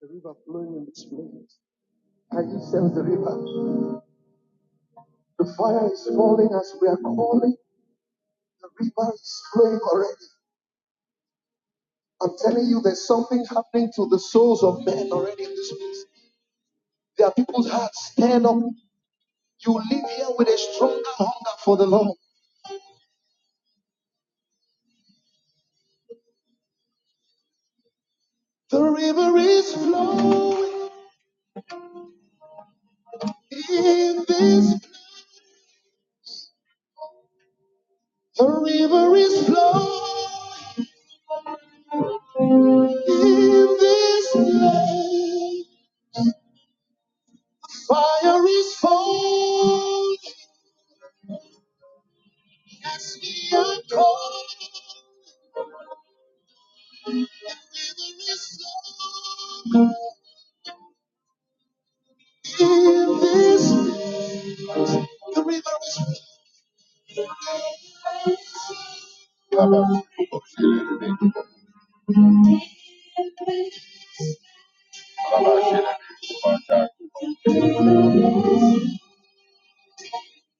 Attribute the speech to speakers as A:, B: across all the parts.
A: The river flowing in this place. Can you sense the river? The fire is falling as we are calling. The river is flowing already. I'm telling you, there's something happening to the souls of men already in this place. There are people's hearts stand up. You live here with a stronger hunger for the Lord. The river is flowing in this place. The river is flowing in this place. Fire is falling. Father, we thank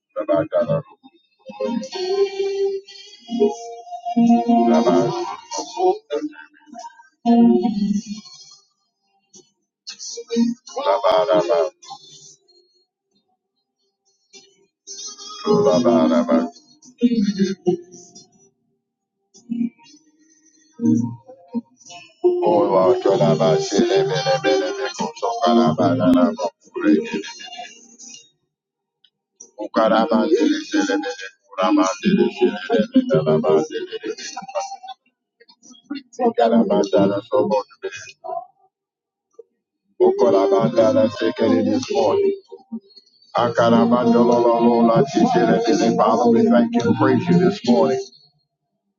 A: you and praise you this morning.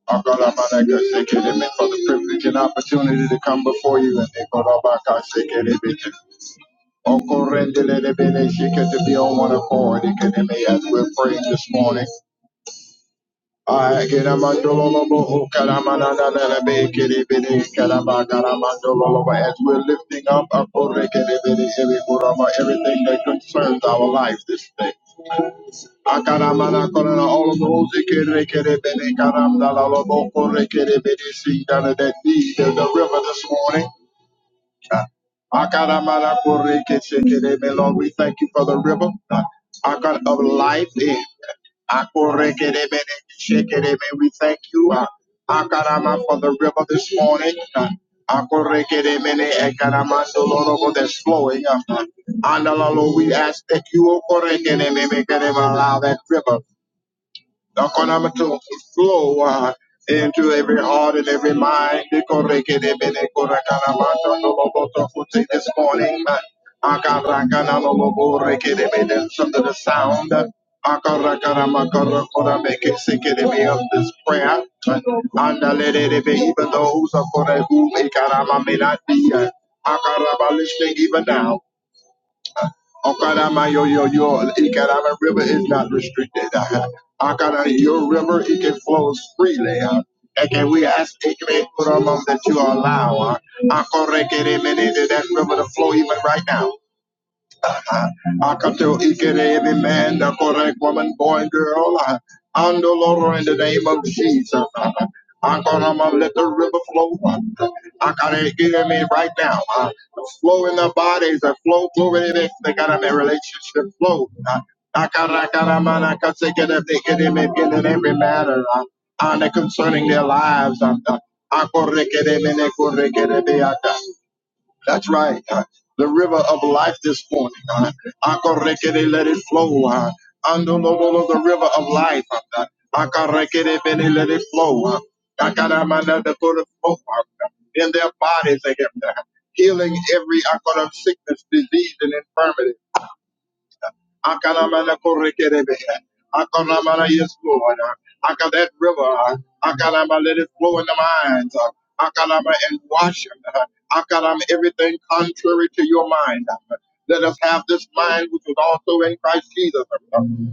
A: I Akalamanaka sekelebe, For the privilege and opportunity to come before you and they got up, I Nikolabaka sekelebe. Okorendelelebele shike to be on one accord Ikelebe, as we're praying this morning. I get a mandololobo kalamananalebe kelebele kalabakalabandololobo. As we're lifting up a everything that concerns our life this day. Akaramana korana all of those that can rekere bene karamda la lobo kore kere bene sing down in that need of the river this morning. Akaramana koreke shekereme. Lord, we thank you for the river Akar- of life. Eh, akorekereme, shekereme. We thank you uh, Akarama for the river this morning. uh, akorekereme, ekarama, so Lord, oh, that's flowing. uh, And uh, Lord, we ask that you oh, korekereme, ekarema, allow that river. Economical flow uh, into every heart and every mind. Dikorekedebedekorakanamatondolobotokuti This morning, uh, some of the sound uh, of this prayer. Andaledebe, Even those of whom Ikarama may not be uh, listening even now. Okadama yo yo yo Ikadama River is not restricted. Akana your river it can flow freely. Uh, And can we ask Ikme Kurama that you allow? Uh, Akorekere Menede that river to flow even right now. I can tell Akato Ikere, every man, the correct woman, boy, and girl. uh, And the Lord, in the name of Jesus. uh, I'm gonna uh, let the river flow. uh, I gotta hear me right now. Uh, flow in the bodies, uh, flow, flow in it. They got a relationship flow. Uh, I gotta, I gotta, man, I gotta take it, if they get it, in every matter. Uh, and concerning their lives. Uh, I gotta get it, man, I gotta get it, they that's right. Uh, the river of life this morning. Uh, Akarekere, let it flow. Uh, Andololo, the river of life. Uh, Akarekere, bene, let it flow. Uh, Akaramana, the good of hope, uh, in their bodies, they have uh, healing every uh, kind of sickness, disease, and infirmity. Akalamana korekerebe. Akalamana yes, Lord. Aka that river. Akalama let it flow in the minds. Akalama and wash them. Akalama everything contrary to your mind. Let us have this mind which was also in Christ Jesus.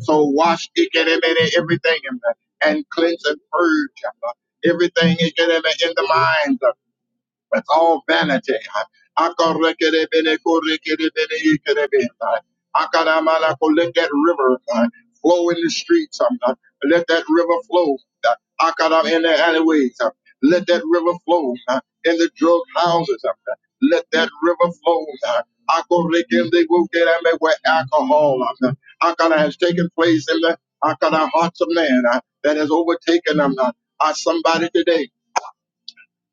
A: So wash ikerebe, everything and cleanse and purge everything in the mind. That's all vanity. Akarekerebenekorekerebeneikerebe. Akaramalaku, Let that river uh, flow in the streets. um, uh, Let that river flow uh, Akaram in the alleyways. um, Let that river flow uh, in the drug houses. um, uh, Let that river flow. uh, Akarekendekokerebe, Where alcohol um, uh, Akara has taken place in the Akara hearts of man uh, that has overtaken them. uh, uh, Somebody today.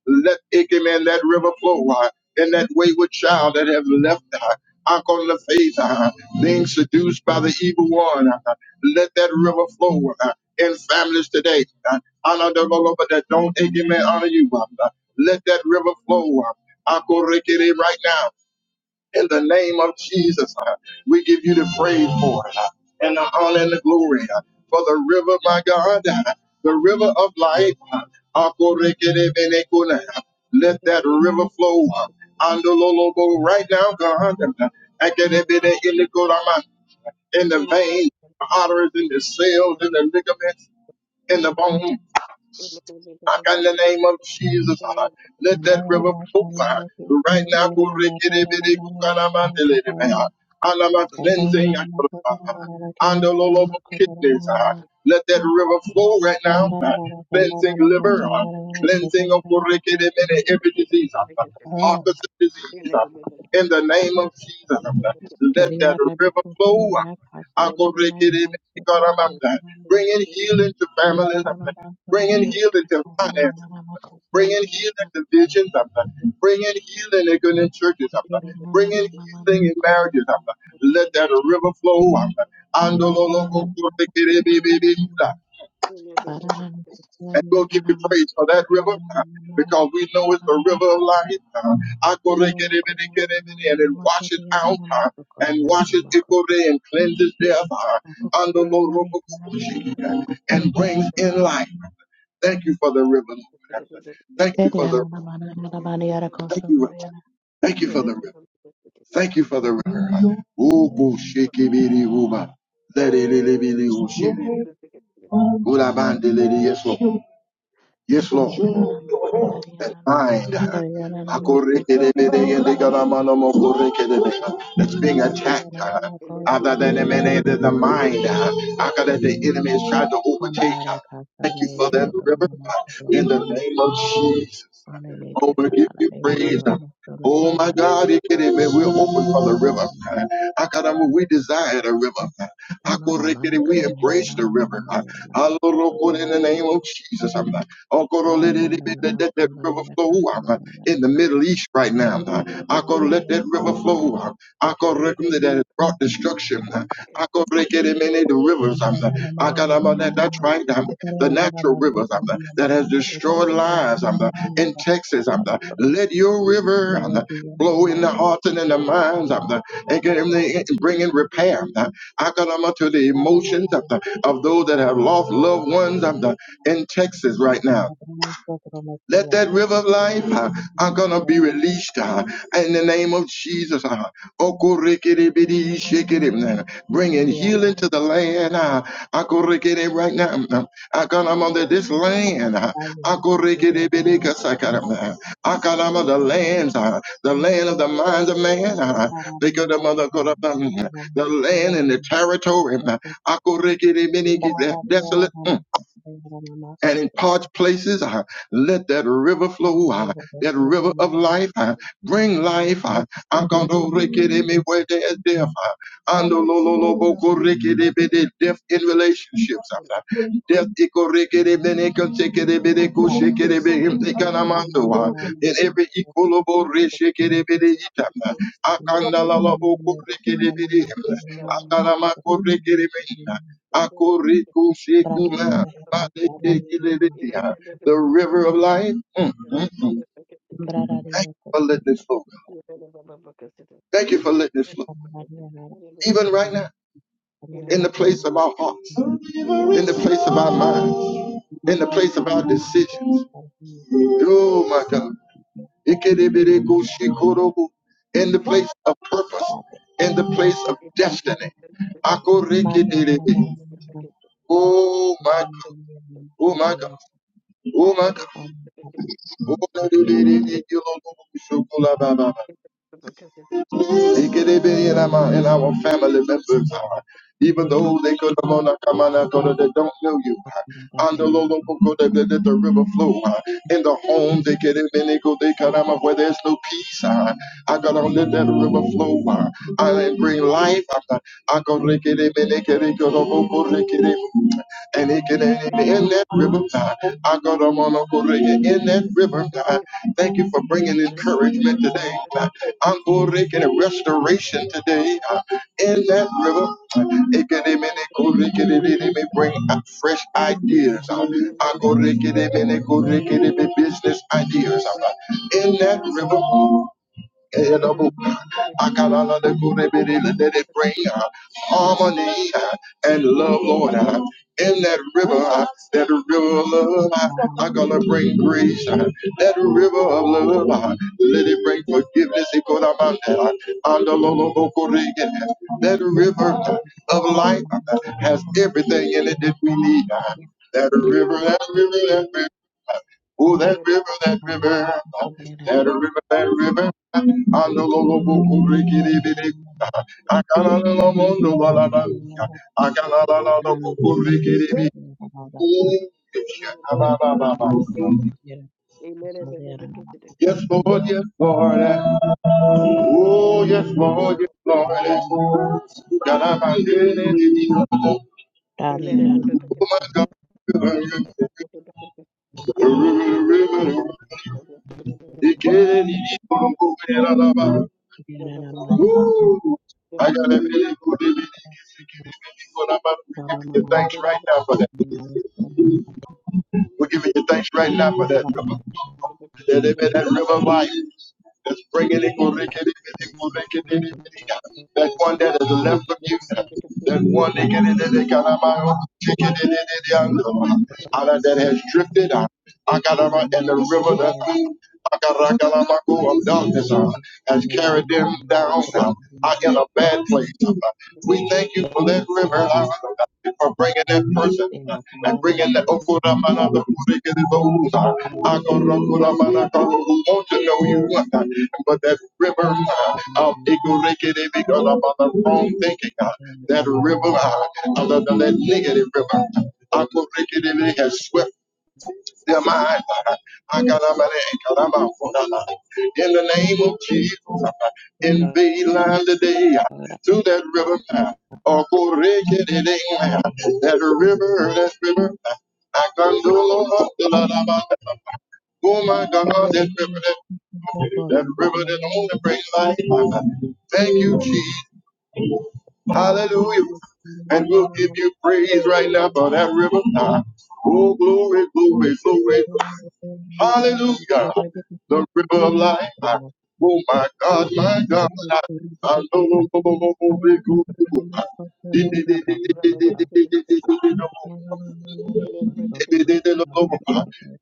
A: Let Ikemen, that river flow uh, in that wayward child that have left uh, Uncle the faith, uh, being seduced by the evil one. uh, let that river flow uh, in families today. Uh, honor the Lord, but that don't Ikemen honor you. Uh, let that river flow. Uh, Uncle Ricky, right now. In the name of Jesus, uh, we give you the praise for it uh, and the honor and the glory uh, for the river, my God, uh, the river of life. uh, Akorekerebenekuna, uh, Let that
B: Thank
A: river flow uh, Andololobo, right now, God. uh, Akerebeneinekorama, In the veins, the arteries, in the cells, in the ligaments, in the bones. Back in the name of Jesus, ah, let
C: Thank
A: that river flow ah,
C: you.
A: right now. go rikidibidi, go kalamandelebe, ah. Alama cleansing ah, ah, ah. and the Lord of kidneys. ah. Let that river flow right now. ah. Cleansing liver, ah. cleansing of rikidibidi, every disease, ah. Parkinson's disease. ah. In the name of Jesus, ah. let that river flow. ah. Akorekerebekekarabasa. Bringing healing to families, bringing healing to finances, bringing healing to visions, bringing healing in good in churches, bringing healing in marriages. Let that river flow. Andololokorekerebebebehuda and we'll give you praise for that river uh, because we know it's the river of life. uh, Akorekerebenekerebene, And it washes out uh, and washes ikore and cleanses death uh, Andolorobokoshi, uh, and brings in life. Thank you for the river, Lord.
B: you.
A: Thank you for the thank you, thank you for the river. Thank you for the river. Ogoshekebiri uba. Ogoshikibiriuba, zerelelebeliushi, ulabandelele. Yes, Lord. Yes, Lord. mind that's being attacked uh, other than emanated the mind uh, after that the enemy has tried to overtake. uh.
C: Comprará casa,
A: Thank you for
C: me
A: that
C: contra
A: river uh, in the
C: mamá,
A: name of Jesus.
C: Onene
A: Oh, we give
C: katana na
A: you
C: ne
A: praise.
C: kodra
A: uh.
C: musumre me
A: Oh my
C: yana
A: God,
C: nama
A: it can amen. We're
C: kosumra mama
A: open for the
C: mama
A: river.
C: yana ma.
A: uh. Akadamu, We desire the river. uh.
C: Rama mama na
A: Akorekere, We
C: kanya na
A: embrace the
C: nama mama
A: river.
C: me
A: uh.
C: yana nama kosum
A: Aloroko, In
C: yana
A: the
C: nama.
A: name of Jesus. Uncle, let
C: Anani
A: it, be-
C: yana
A: let that
C: nama
A: that
C: sandra
A: river
C: yana
A: flow out
C: kasama
A: uh,
C: yana
A: in the
C: nama.
A: Middle East right now. uh. Uncle,
C: Yana
A: let
C: nama
A: that river
C: sandra
A: flow
C: yana.
A: out. Uncle, recommend that it brought destruction. uh. Uncle, break
B: Thank
A: it in many the rivers. um,
C: Indra
A: uh.
C: mama mama
A: Uncle, I'm
C: mama
A: on
C: yana
A: that. That's
C: nama.
A: right. um,
C: Sekara
A: The
C: yana
A: natural
C: nama
A: rivers
C: sandra
A: um, uh,
C: mama
A: that
C: mama
A: has
C: yana tekin
A: destroyed
C: yana nama
A: lives um, uh,
C: sandra mama
A: in
C: mama.
A: Texas. um, uh. Let your river um,
C: Rana
A: uh,
C: ki yana
A: flow
C: nama
A: in the
C: sandra
A: hearts and in the
C: yana kasama
A: minds of the and
C: yana
A: get
C: sandra. Rama mama yana nama. Rama mama
A: them
C: yana
A: to bring in repair. uh, Akalama to the emotions of, the, of those that have lost loved ones in Texas right now.
C: nama.
A: Let that
C: Rama
A: river of life
C: mama yana
A: uh, are gonna be
C: nama.
A: released uh, in the name of Jesus. Uh, Okorikiribidi shikiri, uh, bringing
C: तेरे
A: healing
C: आसपास का
A: to the
C: तो
A: land. Uh, Okorikiri right now, uh, Akanama that this land. Uh,
C: Ayushman तो रहना
A: Okorikiribidi
C: चाहिए तेरे आसपास
A: kasakara, uh, Akanama
C: का
A: the
C: तो
A: lands, uh, the land of the minds of man. Uh,
C: रहना
A: because
C: चाहिए तेरे आसपास का
A: the mother could have, um,
C: तो रहना चाहिए तेरे
A: the
C: आसपास का तो
A: land
C: रहना
A: and the territory. Uh, Okorikiribidi, that's desolate. uh
C: चाहिए तेरे आसपास का तो रहना
A: and
C: चाहिए तेरे आसपास
A: in
C: का
A: parched places. Uh, let that river flow, uh, that
C: तो रहना चाहिए तेरे आसपास का तो
A: river
C: रहना
A: of
C: चाहिए
A: life. Uh, bring life. Uh, I'm going to rickety me where there's death. Uh, ando lo lo lo bo ko rickety be de death in relationships. uh, Death ikorekere bene koshekere bene
C: तेरे
A: koshekere
C: आसपास का तो रहना चाहिए तेरे
A: bene
C: आसपास
A: kanamando wa.
C: का
A: In
C: तो
A: every
C: रहना
A: ikolobo reshekere bene itama. Akanda la la bo korekere bene himla. Akalama korekere bene. Akoreko shekuma. Badekekele bene. The river of life. Mm, mm, mm.
B: you.
A: Thank you for letting this flow.
C: चाहि�
B: Because
A: Thank you for letting this
C: Yang
A: flow. Even right now, in the place of our hearts, in the place of our minds, in the place of our decisions. Oh my God. Ikereberekushikorobu. In the place of purpose, in the place of destiny. Akorekedere. Oh my God, oh my God, oh my God. Oh, lerebere, ilolobushokolababa. our and our family members, uh, even those they could come on, uh, come on, uh, that don't know you. uh, and the loloboko, that- let that the river flow uh, in the home they get it, they go they come. out where there's no peace. uh, I gotta let that river flow. I bring life after I go rickety, rickety, go rickety, and it can in that river time. I go to monocorega in that river time. Thank you for bringing encouragement today. I'm going to get restoration today uh, in that river. It can even it go lick it it it, bring out fresh ideas. uh,
B: Thank
A: I
B: you.
A: go lick it it, it may go business ideas uh, in that river. Elobu, Akalala de Kurebele, Let it bring uh, harmony uh, and love, Lord. uh, In that river, uh, that river of love, uh, I'm gonna bring grace. uh, That river of love, uh, let it bring forgiveness. Ikorabanda, Andalolo Bokorege. That river uh, of life uh, has everything in it that we need. uh, That river, that river, that river. uh, Oh, that river, that river, that river, that river.
C: Thank
A: Andololobo, urikidibidi. Akanananamondo, walana. Akanananabo, urikidibi. Oh, shakalababa. Yes, Lord, yes, Lord. Oh, yes, Lord, yes, Lord. Galabandini, Oh, my God. River, river, river. Ikenidi, Woo! I got that let it go, let it go, you thanks right now for that. We're giving you thanks right now for that river. That river, that river of life. That's bringing it, go, lick it, lick it, go, lick it, lick it, That one that is left of you. That one lick it, lick it, lick it, I'm out. Lick it, lick it, it, I'm out. of that has drifted out. I got around and the river that Akaragalabaku of darkness uh, has carried them down uh, out in a bad place. uh. We thank you for that river, uh, for bringing that person uh, and bringing that Okuramana, the those uh, Akarakuramana, who want to know you, uh, but that river uh, of Ikurikiri because of the wrong thinking, uh, that river uh, other than that negative river. Aqua Rickety has swept their mind. In the name of Jesus, invade land today to that river. Okorekedede, That river, that river. I can't Akandolo, akandalaba. Oh my God, that river, that that river that only brings
C: you.
A: life. Thank you,
C: Mama, mama,
A: Jesus. Hallelujah. And we'll give you praise right
C: mama,
A: now for that river. Oh, glory, glory, glory. Hallelujah. The river of life. Oh my God, my God. I know we go.
B: Yes.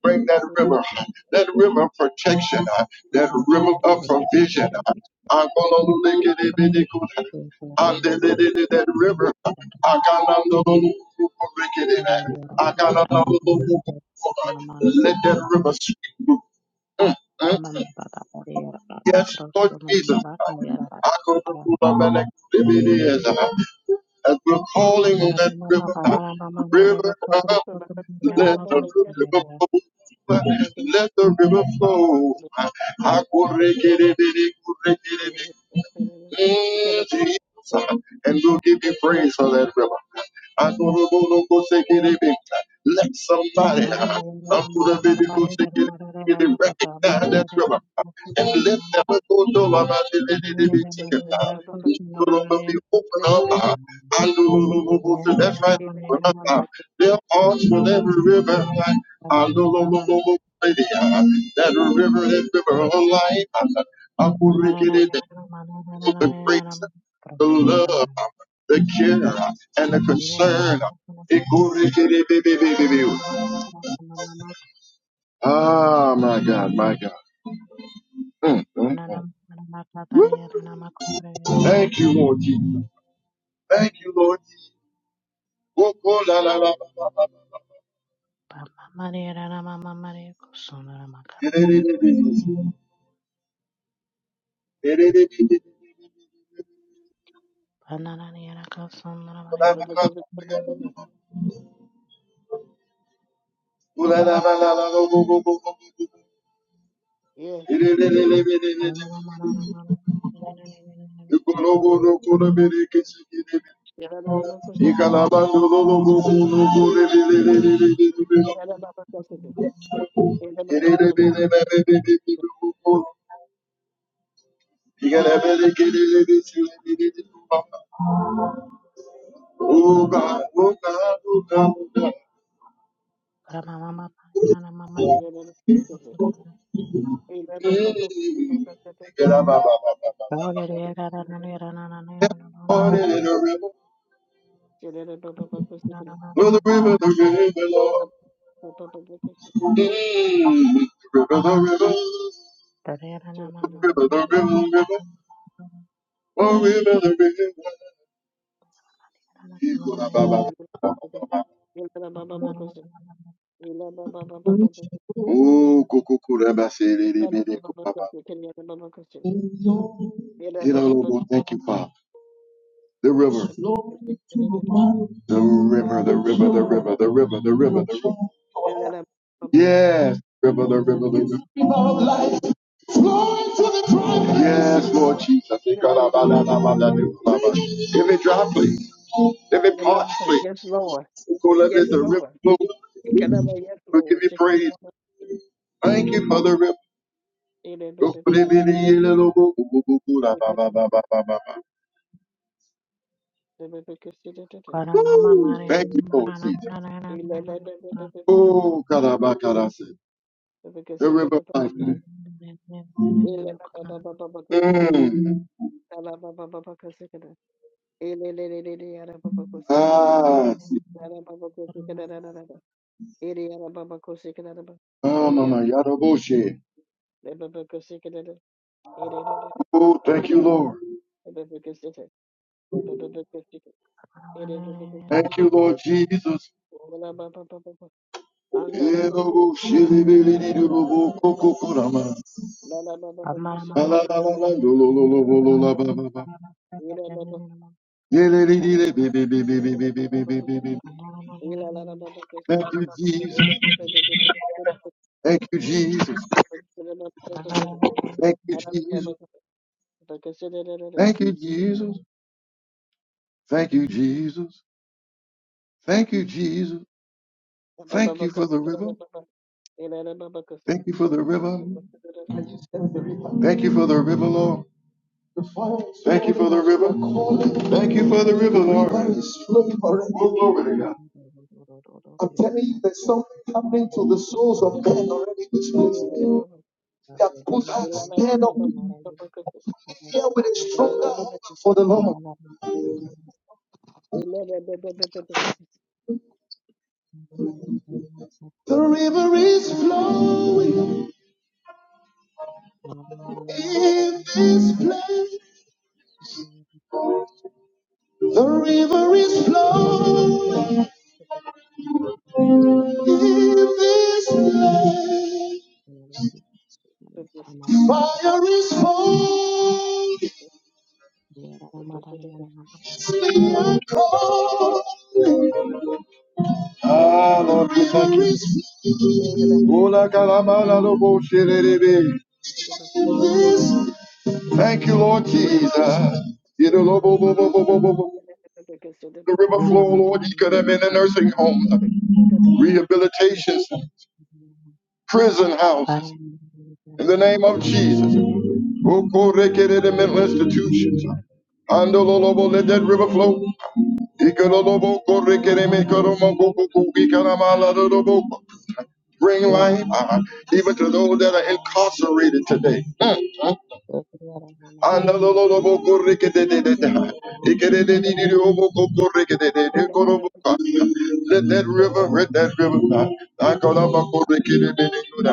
A: Bring that river, that river of protection, that river of provision. I'm gonna lick it in the good. I'm the that river. I gotta know lick it in. I gotta know.
C: terus
A: Let that river speak. Mm, mm. mm. Yes, Lord Jesus. I go to
C: menambah
A: Fulamanek, as as we're calling on that
C: Paranama
A: river,
C: Baba Barama
A: river
C: Vera
A: of
C: Potros
A: let the
C: Potamamato
A: river
C: Vera
A: flow. Let the river flow. Mm, Jesus. And we'll give you praise for that river. I go to go to go take it in. Let somebody uh, I'm
C: Paranama
A: gonna be
C: Baba
A: the go take it in and
C: Barama
A: recognize that
C: Potamamara
A: river. And let them go to about
C: Marina
A: it. Gonna be open up. uh, I go to go go to that right. open up, uh, Their hearts will every river. like, I know go to go go go. That river, that river of life. I'm gonna the grace, the
C: Marina
A: love, the care, and the concern. Ah, my God, my God. Mm, mm, mm. Thank you,
C: Kosmarana
A: Lord Jesus. Thank you, Lord Jesus.
C: Bamamariyara mamamariyakusundaramakara pandananiyakusundaramariyara mamamariyakusundaramakara
A: Wo-ko-la-la-la-la-la-la.
C: mamamariyara mamamariyakusundaramakara
A: Oh God, oh God, oh God, oh God.
C: mamamariyara mamamariyakusundaramakara mamamariyara mamamariyakusundaramakara
B: Yes. Yes, Lord.
C: mamamariyara mamamariyakusundaramakara
A: On in the river, oh, the river,
C: mamamariyara
A: the river, Lord. Mm. The river, the river, river, the river, river.
C: mamamariyakusundaramakara
A: Oh river, the river. Oh, kuku kuraba siri bide Hilolobos, Thank you, Father. The river, the river, the river, the river, the river, the river, the river. Yes, river, the river, the river. Yes, Lord Jesus. Give it dry please. Give it parched please. we go let
B: Yes, Lord.
A: the river flow. We give you praise. Thank you for the river.
B: Yes, Lord. Andara baba,
A: Woo! Thank you, Lord Jesus.
C: mamamariyara
B: la la baba
C: mamamariyakusundaramakara
A: Oh, God, the river of life.
C: Thank
B: baba kusitere,
A: Mm.
B: la la
A: Ah,
B: baba,
A: Oh, Mama Yadoboshe. Oh, thank you, Lord. Thank you, Lord Jesus. Yadoboshe, lebeledidobo, kokokorama. La, la, la, la, la, lo, lo, lo, lo, lo, la, ba, ba, ba.
B: ira baba Thank you.
A: Yelelelele, be, be, be, be, be, be, be, be, be, be, be. Thank you, Jesus. Thank you, Jesus. Thank you, Jesus. Thank you, Jesus. Thank you, Jesus. Thank you, Jesus. Thank you for the river. Thank you for the river. Thank you for the river, Lord. Thank you for the river. Thank you for the river, Lord. Oh, glory to God. I'm telling you, there's something happening to the souls of men already in this place. They have put out, stand up here with a stronger hunger for the Lord. The river is flowing in
C: you.
A: this place.
C: Thank
A: The river is flowing in this place. Fire is falling. Hallelujah. Thank you. Ola kalabala lobo shelelebe. Thank you, Lord Jesus. Yede
B: Thank
A: lobo bo bo bo bo bo bo. The river flow, Lord, you could have been in nursing homes, rehabilitation centers, prison houses. In the name of Jesus. Okorekere the mental institutions. Andololobo, let that river flow. Ikololobo, korekere me koromo, koko, ikalamala, lolobo. Bring life uh, even to those that are incarcerated today. Andalolobokorikidididida. Ikirididididiobokokorikidididikoroboka. Let that river, let that river. Akalabakorikididididida.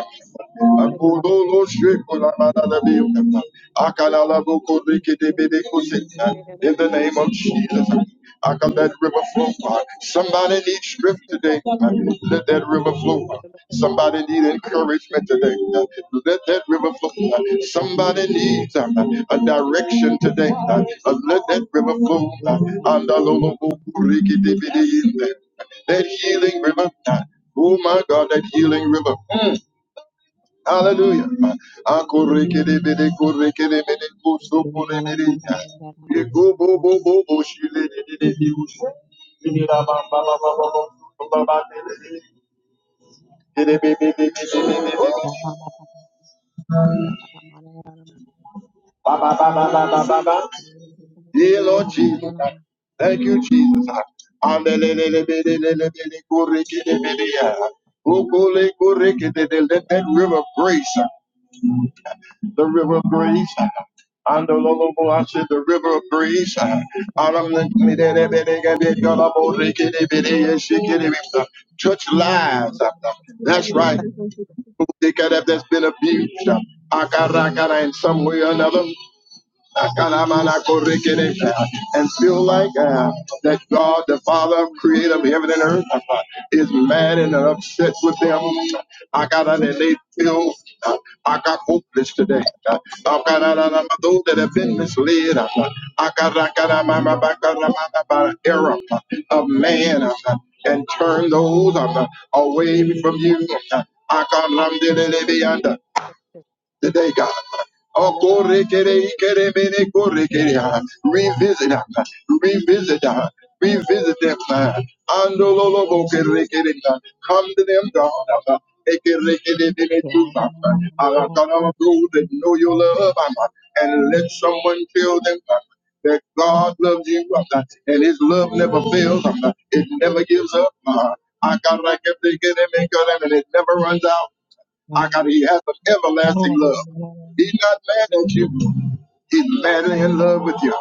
A: Akololoshekolamanabiyoda. Akalalabokorikidididikosita. In the name of
C: you.
A: Jesus, I can let river flow. Somebody needs strength today. Let that river flow. Somebody need encouragement today. Uh, Let that river flow. Uh,
C: Thank
A: Somebody needs um, a direction today. Uh, uh, Let that river flow. Uh, andalolobokurikidibidi. That healing river. Uh, Oh my God, that healing river. Hallelujah. Uh, akurikidibidi, kurikidibidi, kusukuribidi. Uh, Ikububububushilididididi. Ushukubabadididi. Yeah, Lord Jesus. Thank you, Jesus. Andelelelebelelelebelekurekedebelea. Ukulekurikededelele. Let that river of grace, the river of grace, Andololoboashe, the river of grace, Aramlekelebelegebekalaborekedebeleyeshikerebesa. touch lives. That's right. Who think that That's been abused. Akarakara in some way or another and feel like uh, that God, the Father, creator of heaven and earth, uh, is mad and upset with them. I got out and they feel uh, I got hopeless today. Uh, I got out of my- those that have been misled. Uh, I got I got out of my my- my- got out of my- my- my error uh, of man uh, and turn those uh, away from you. Uh, I got I'm under today, God. Oh, kore kere ikere mene kore kere, ah. Revisit, them, ah. revisit, them, ah. revisit them. ah. Ando lo lo bo kere kere, ah. Come to them, God. ah. Ekere kere mene tu, ah. Ah, God, I'm those that know your love ah. and let someone tell them ah, that God loves you ah, and his love never fails. ah. It never gives up. ah. I got like a thing in it, make and it never runs out. I got he has an everlasting love. He's not mad at you. He's madly in love with you.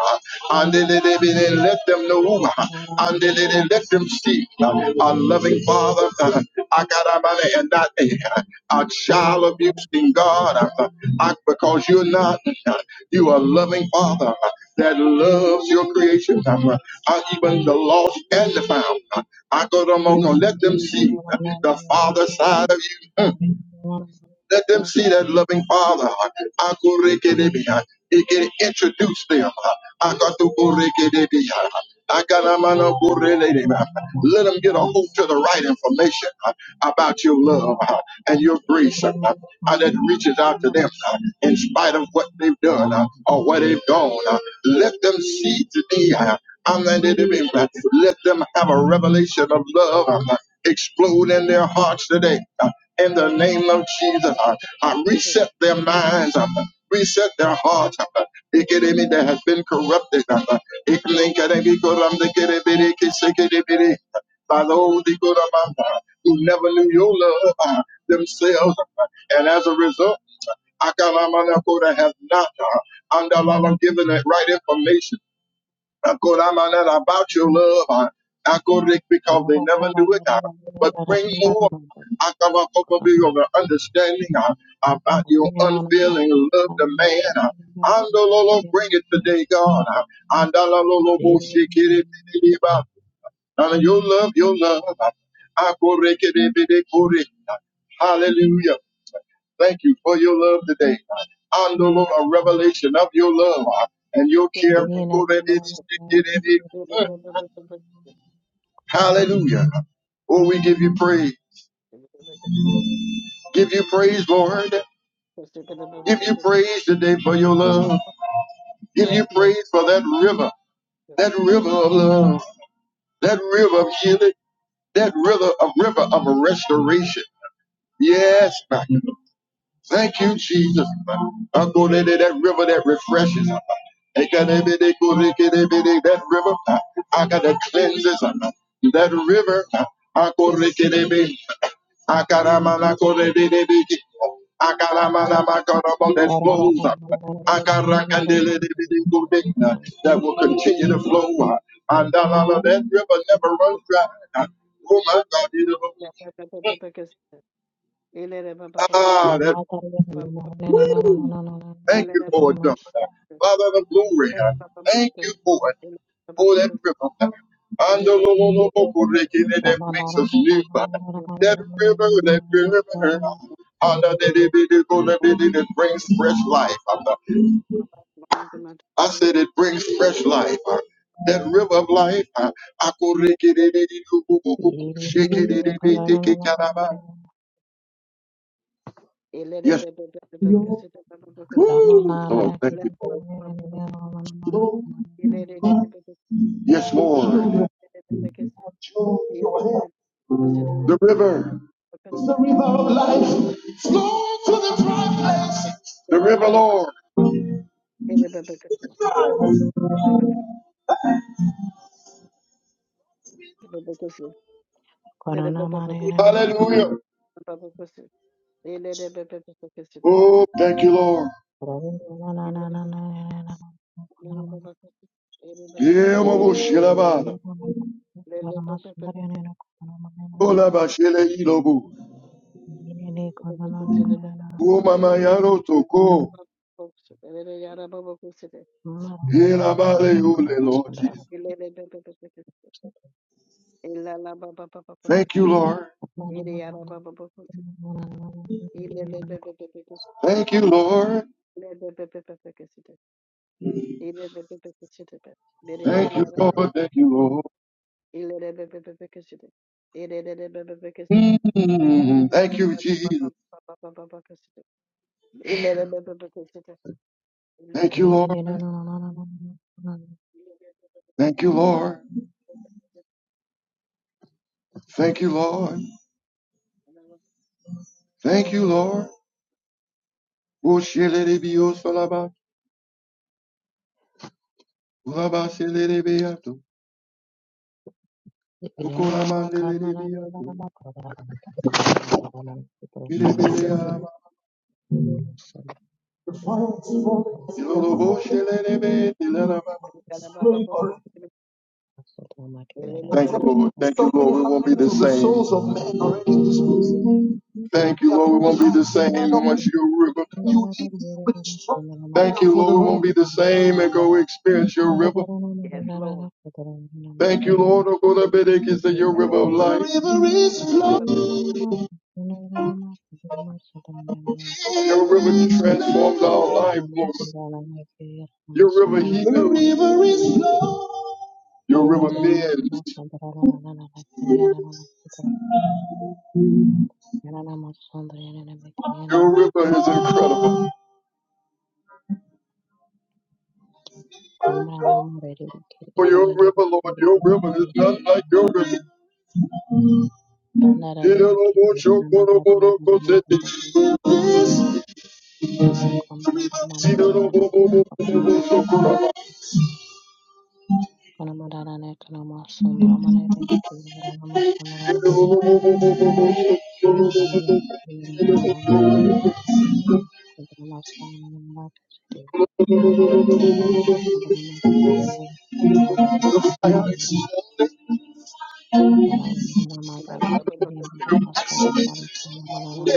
A: And let them know. And let them see. Our loving Father, uh, I got a money and not a, a child abusing God. uh, I, because you're not, uh, you are a loving Father uh, that loves your creation. uh, uh, Even the lost and the found. uh, I go to Mono, let them see uh, the Father side of you. Let them see that loving Father. I Akurekedebia. He can introduce them. I I got got to go I got a Akatukurekedebia. Akanamanokurekedebia. Let them get a
C: you.
A: hold to the right information uh, about your love uh, and your grace uh,
C: Rama
A: uh, that reaches out to them uh, in spite of what they've done uh, or where they've gone. uh, Let them see today. uh, and then they- they- Let them have a revelation of love uh, explode in their hearts today in the name of Jesus. I, I reset their minds. I reset their hearts. I, Ikeremi that has been corrupted. I, Ikeremi koram de kerebere kisekerebere. By those Ikorama, uh, who never knew your love uh, themselves. uh, And as a result, Akalamanakoda have not uh, Andalala given the right information Akoramana, about your love. uh, Akorek, because they never knew it, God. But bring more Akamakokobi, of an understanding uh, about your unfailing love to man. Uh, Andalolo, bring it today, God. Uh, Andalolo, boshikiri, bidiba. Uh, your love, your love. Uh, Akorekidibidikuri. Uh, Hallelujah. Thank you for your love today. And the Lord, a revelation of your love uh, and your care. for that it is- it- it- it-
B: you.
A: Hallelujah. Oh, we give you praise.
B: Yes,
A: Give you praise, Lord. Give you praise today for your love. Give
B: yes,
A: you
B: Lord.
A: praise for that river, that river of love, that river of healing, that river of river of restoration. Yes, God. Thank you, Jesus. I go there, there, that river that refreshes. They got that bit, they go, they get that bit, they- that river. uh, I got that cleanses. uh, That river. uh, I go, they get that bit. I got a man, I go, they get that bit. I got a man, I got a man that flows. uh, I got a can, they let it be, they go, they- uh, That will continue to flow. uh, And that that river never runs dry. uh, Oh my God, you know. Ah, that Thank you for it, God. Father the glory. Thank you for it. Oh, that river. And the Lord, Lord, Lord, Lord, Lord, that makes us new. That river, that river. And that it brings fresh life. I said it brings fresh life. That river of life. Yes,
C: Thank
A: Lord. Thank you for
B: Yes,
A: it.
B: Ele Ela
A: Yes, Lord. The river. It's the river of life. Flow to the pro- The river, Lord.
B: la ba ba ba ba ba ba
A: Hallelujah.
B: ba
A: Oh, thank you, Lord.
C: you.
A: Lord Jesus.
B: ba ba ba ba
A: Thank
B: ba.
A: you, Lord.
B: Yes,
A: Thank you, Lord. Thank you, Lord. Thank you, Lord. Mm, Thank you, Jesus. Thank you, Lord. Thank you, Lord. Thank you, Lord. Thank you, Lord. Oh, Ulabaselerebeato, kukulamandelerebeato, irebelearaba,
C: Thank
A: Thank you, Lord. Thank you, Lord. We won't be the same. Thank you, Lord. We won't be the same once your river comes. Thank you, Lord. We won't be the same and go experience your river.
B: Lord.
A: Thank you, Lord. Oh, God, I bid your river of life. Your river transforms our life, Lord. Your river heals. is flowing. Your river mends. Your river is incredible. For your river, Lord, your river is not like your
C: you.
A: river.
C: पहला राय नहीं किया नमस्ते यार
A: Hidaloboshokorobokosete.
C: नमस्ते नमस्ते नमस्ते कम
A: The
C: नमस्ते मालूम नहीं
A: river
C: था ना कौन सा कौन हमारा नहीं कौन हमारा सुंदर हमारे रहने के लिए नमस्ते हमारा सुंदर हमारा नमक नमन हमारा नमक नमक नमक नमक नमक नमक नमक नमक नमक नमक नमक नमक नमक नमक नमक नमक नमक नमक नमक नमक
B: Yes.
C: नमक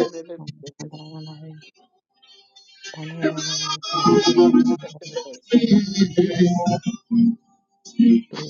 C: नमक नमक � Thank you.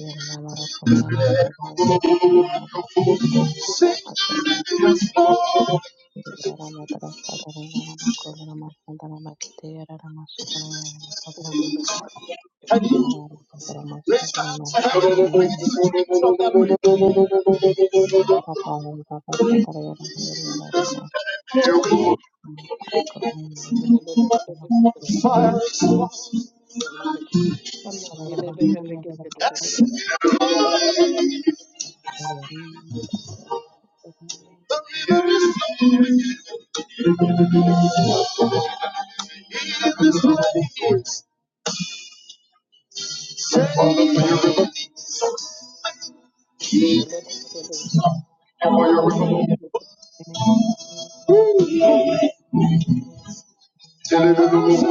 A: is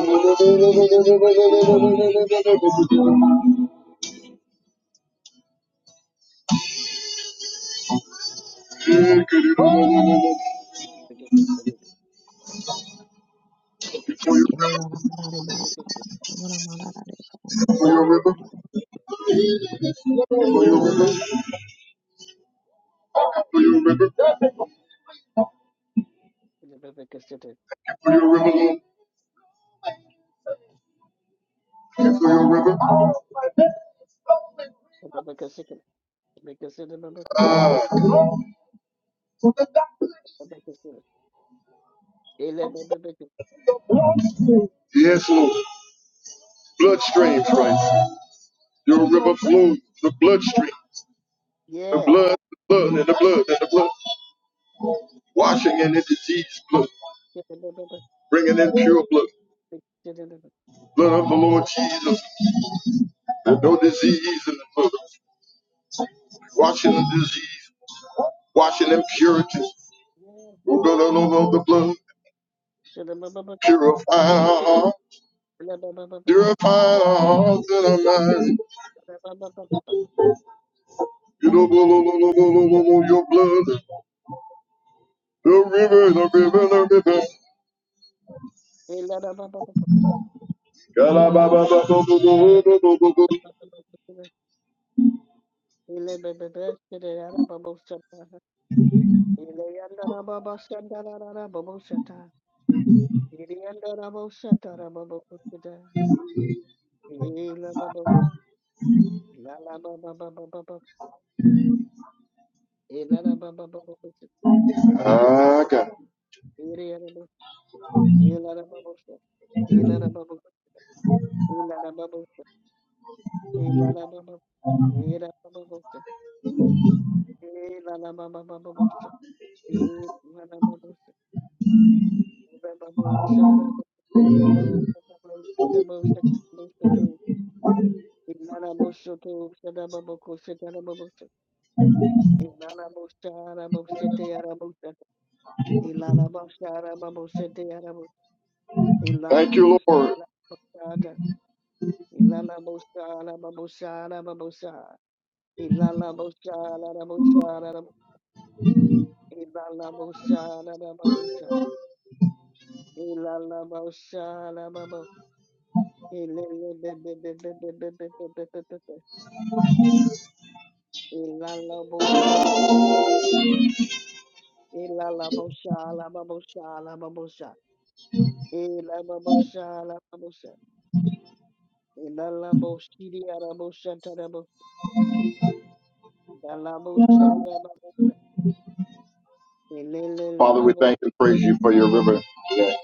C: ムラムラだね。このように。
A: Yes, Lord. bloodstream, Christ. Your river flows the bloodstream, the blood, the blood, and the blood, and the blood, washing in the disease blood, bringing in pure blood, blood of the Lord Jesus, and no disease in the blood, washing the disease, washing impurities. Oh, no, no, no, no, the blood,
B: Yes,
A: purify our hearts,
B: Lord.
A: purify our hearts and our
B: Ila
A: minds.
B: la babushka,
A: You know, no, no, no, no, no, no, no, no, your blood, the river, the river, the river.
B: Ila la babushka, Ila la
A: Kalababa, no, no, no, no, no, no, no, no. Ah, God.
B: babushka, Ila la babushka, Ilala
A: Thank you, Lord.
B: Ela
A: Father, we thank and praise you for your river today.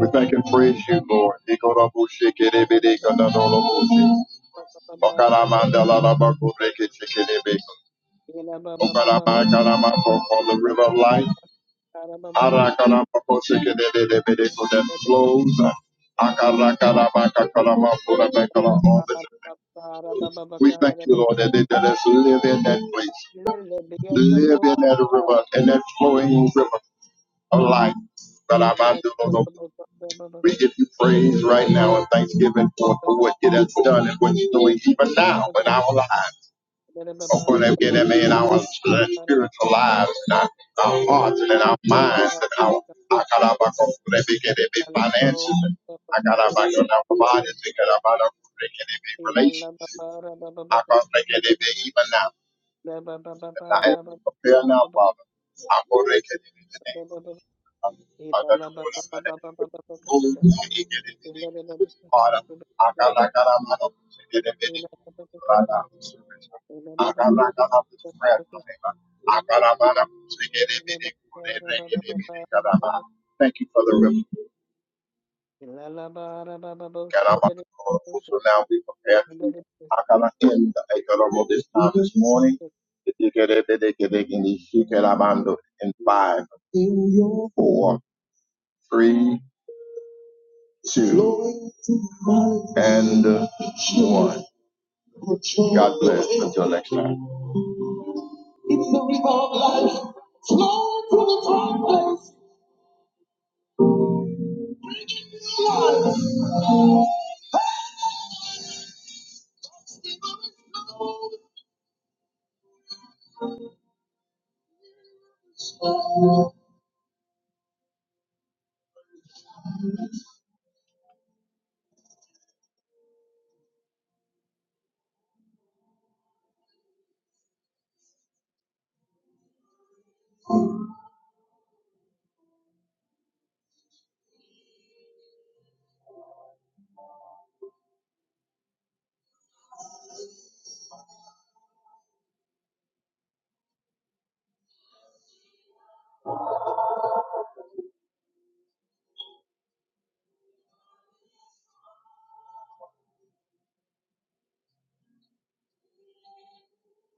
A: We thank and praise you, Lord. Ikorabushikerebedekadadorobushi. Okaramandalalabakurekechekerebeko. Okaramakaramakoko, The river of life Arakaramakoshikedededebedeko that flows. Akarakarabakakaramakuramakara, all the time. We thank you, Lord, that they let us live in that place, live in that river, in that flowing river. of life. But I'm out there, Lord, we give you praise right now and thanksgiving for, for what it has done and what you're doing even now in our lives. Of course, that get in our spiritual
B: Ilala
A: lives and our, our hearts and in our minds and our. our- Thank you for the river.
B: Shit.
A: So now we prepare to end the this time this morning. In five, four, three, two, and one. God bless. Until next time.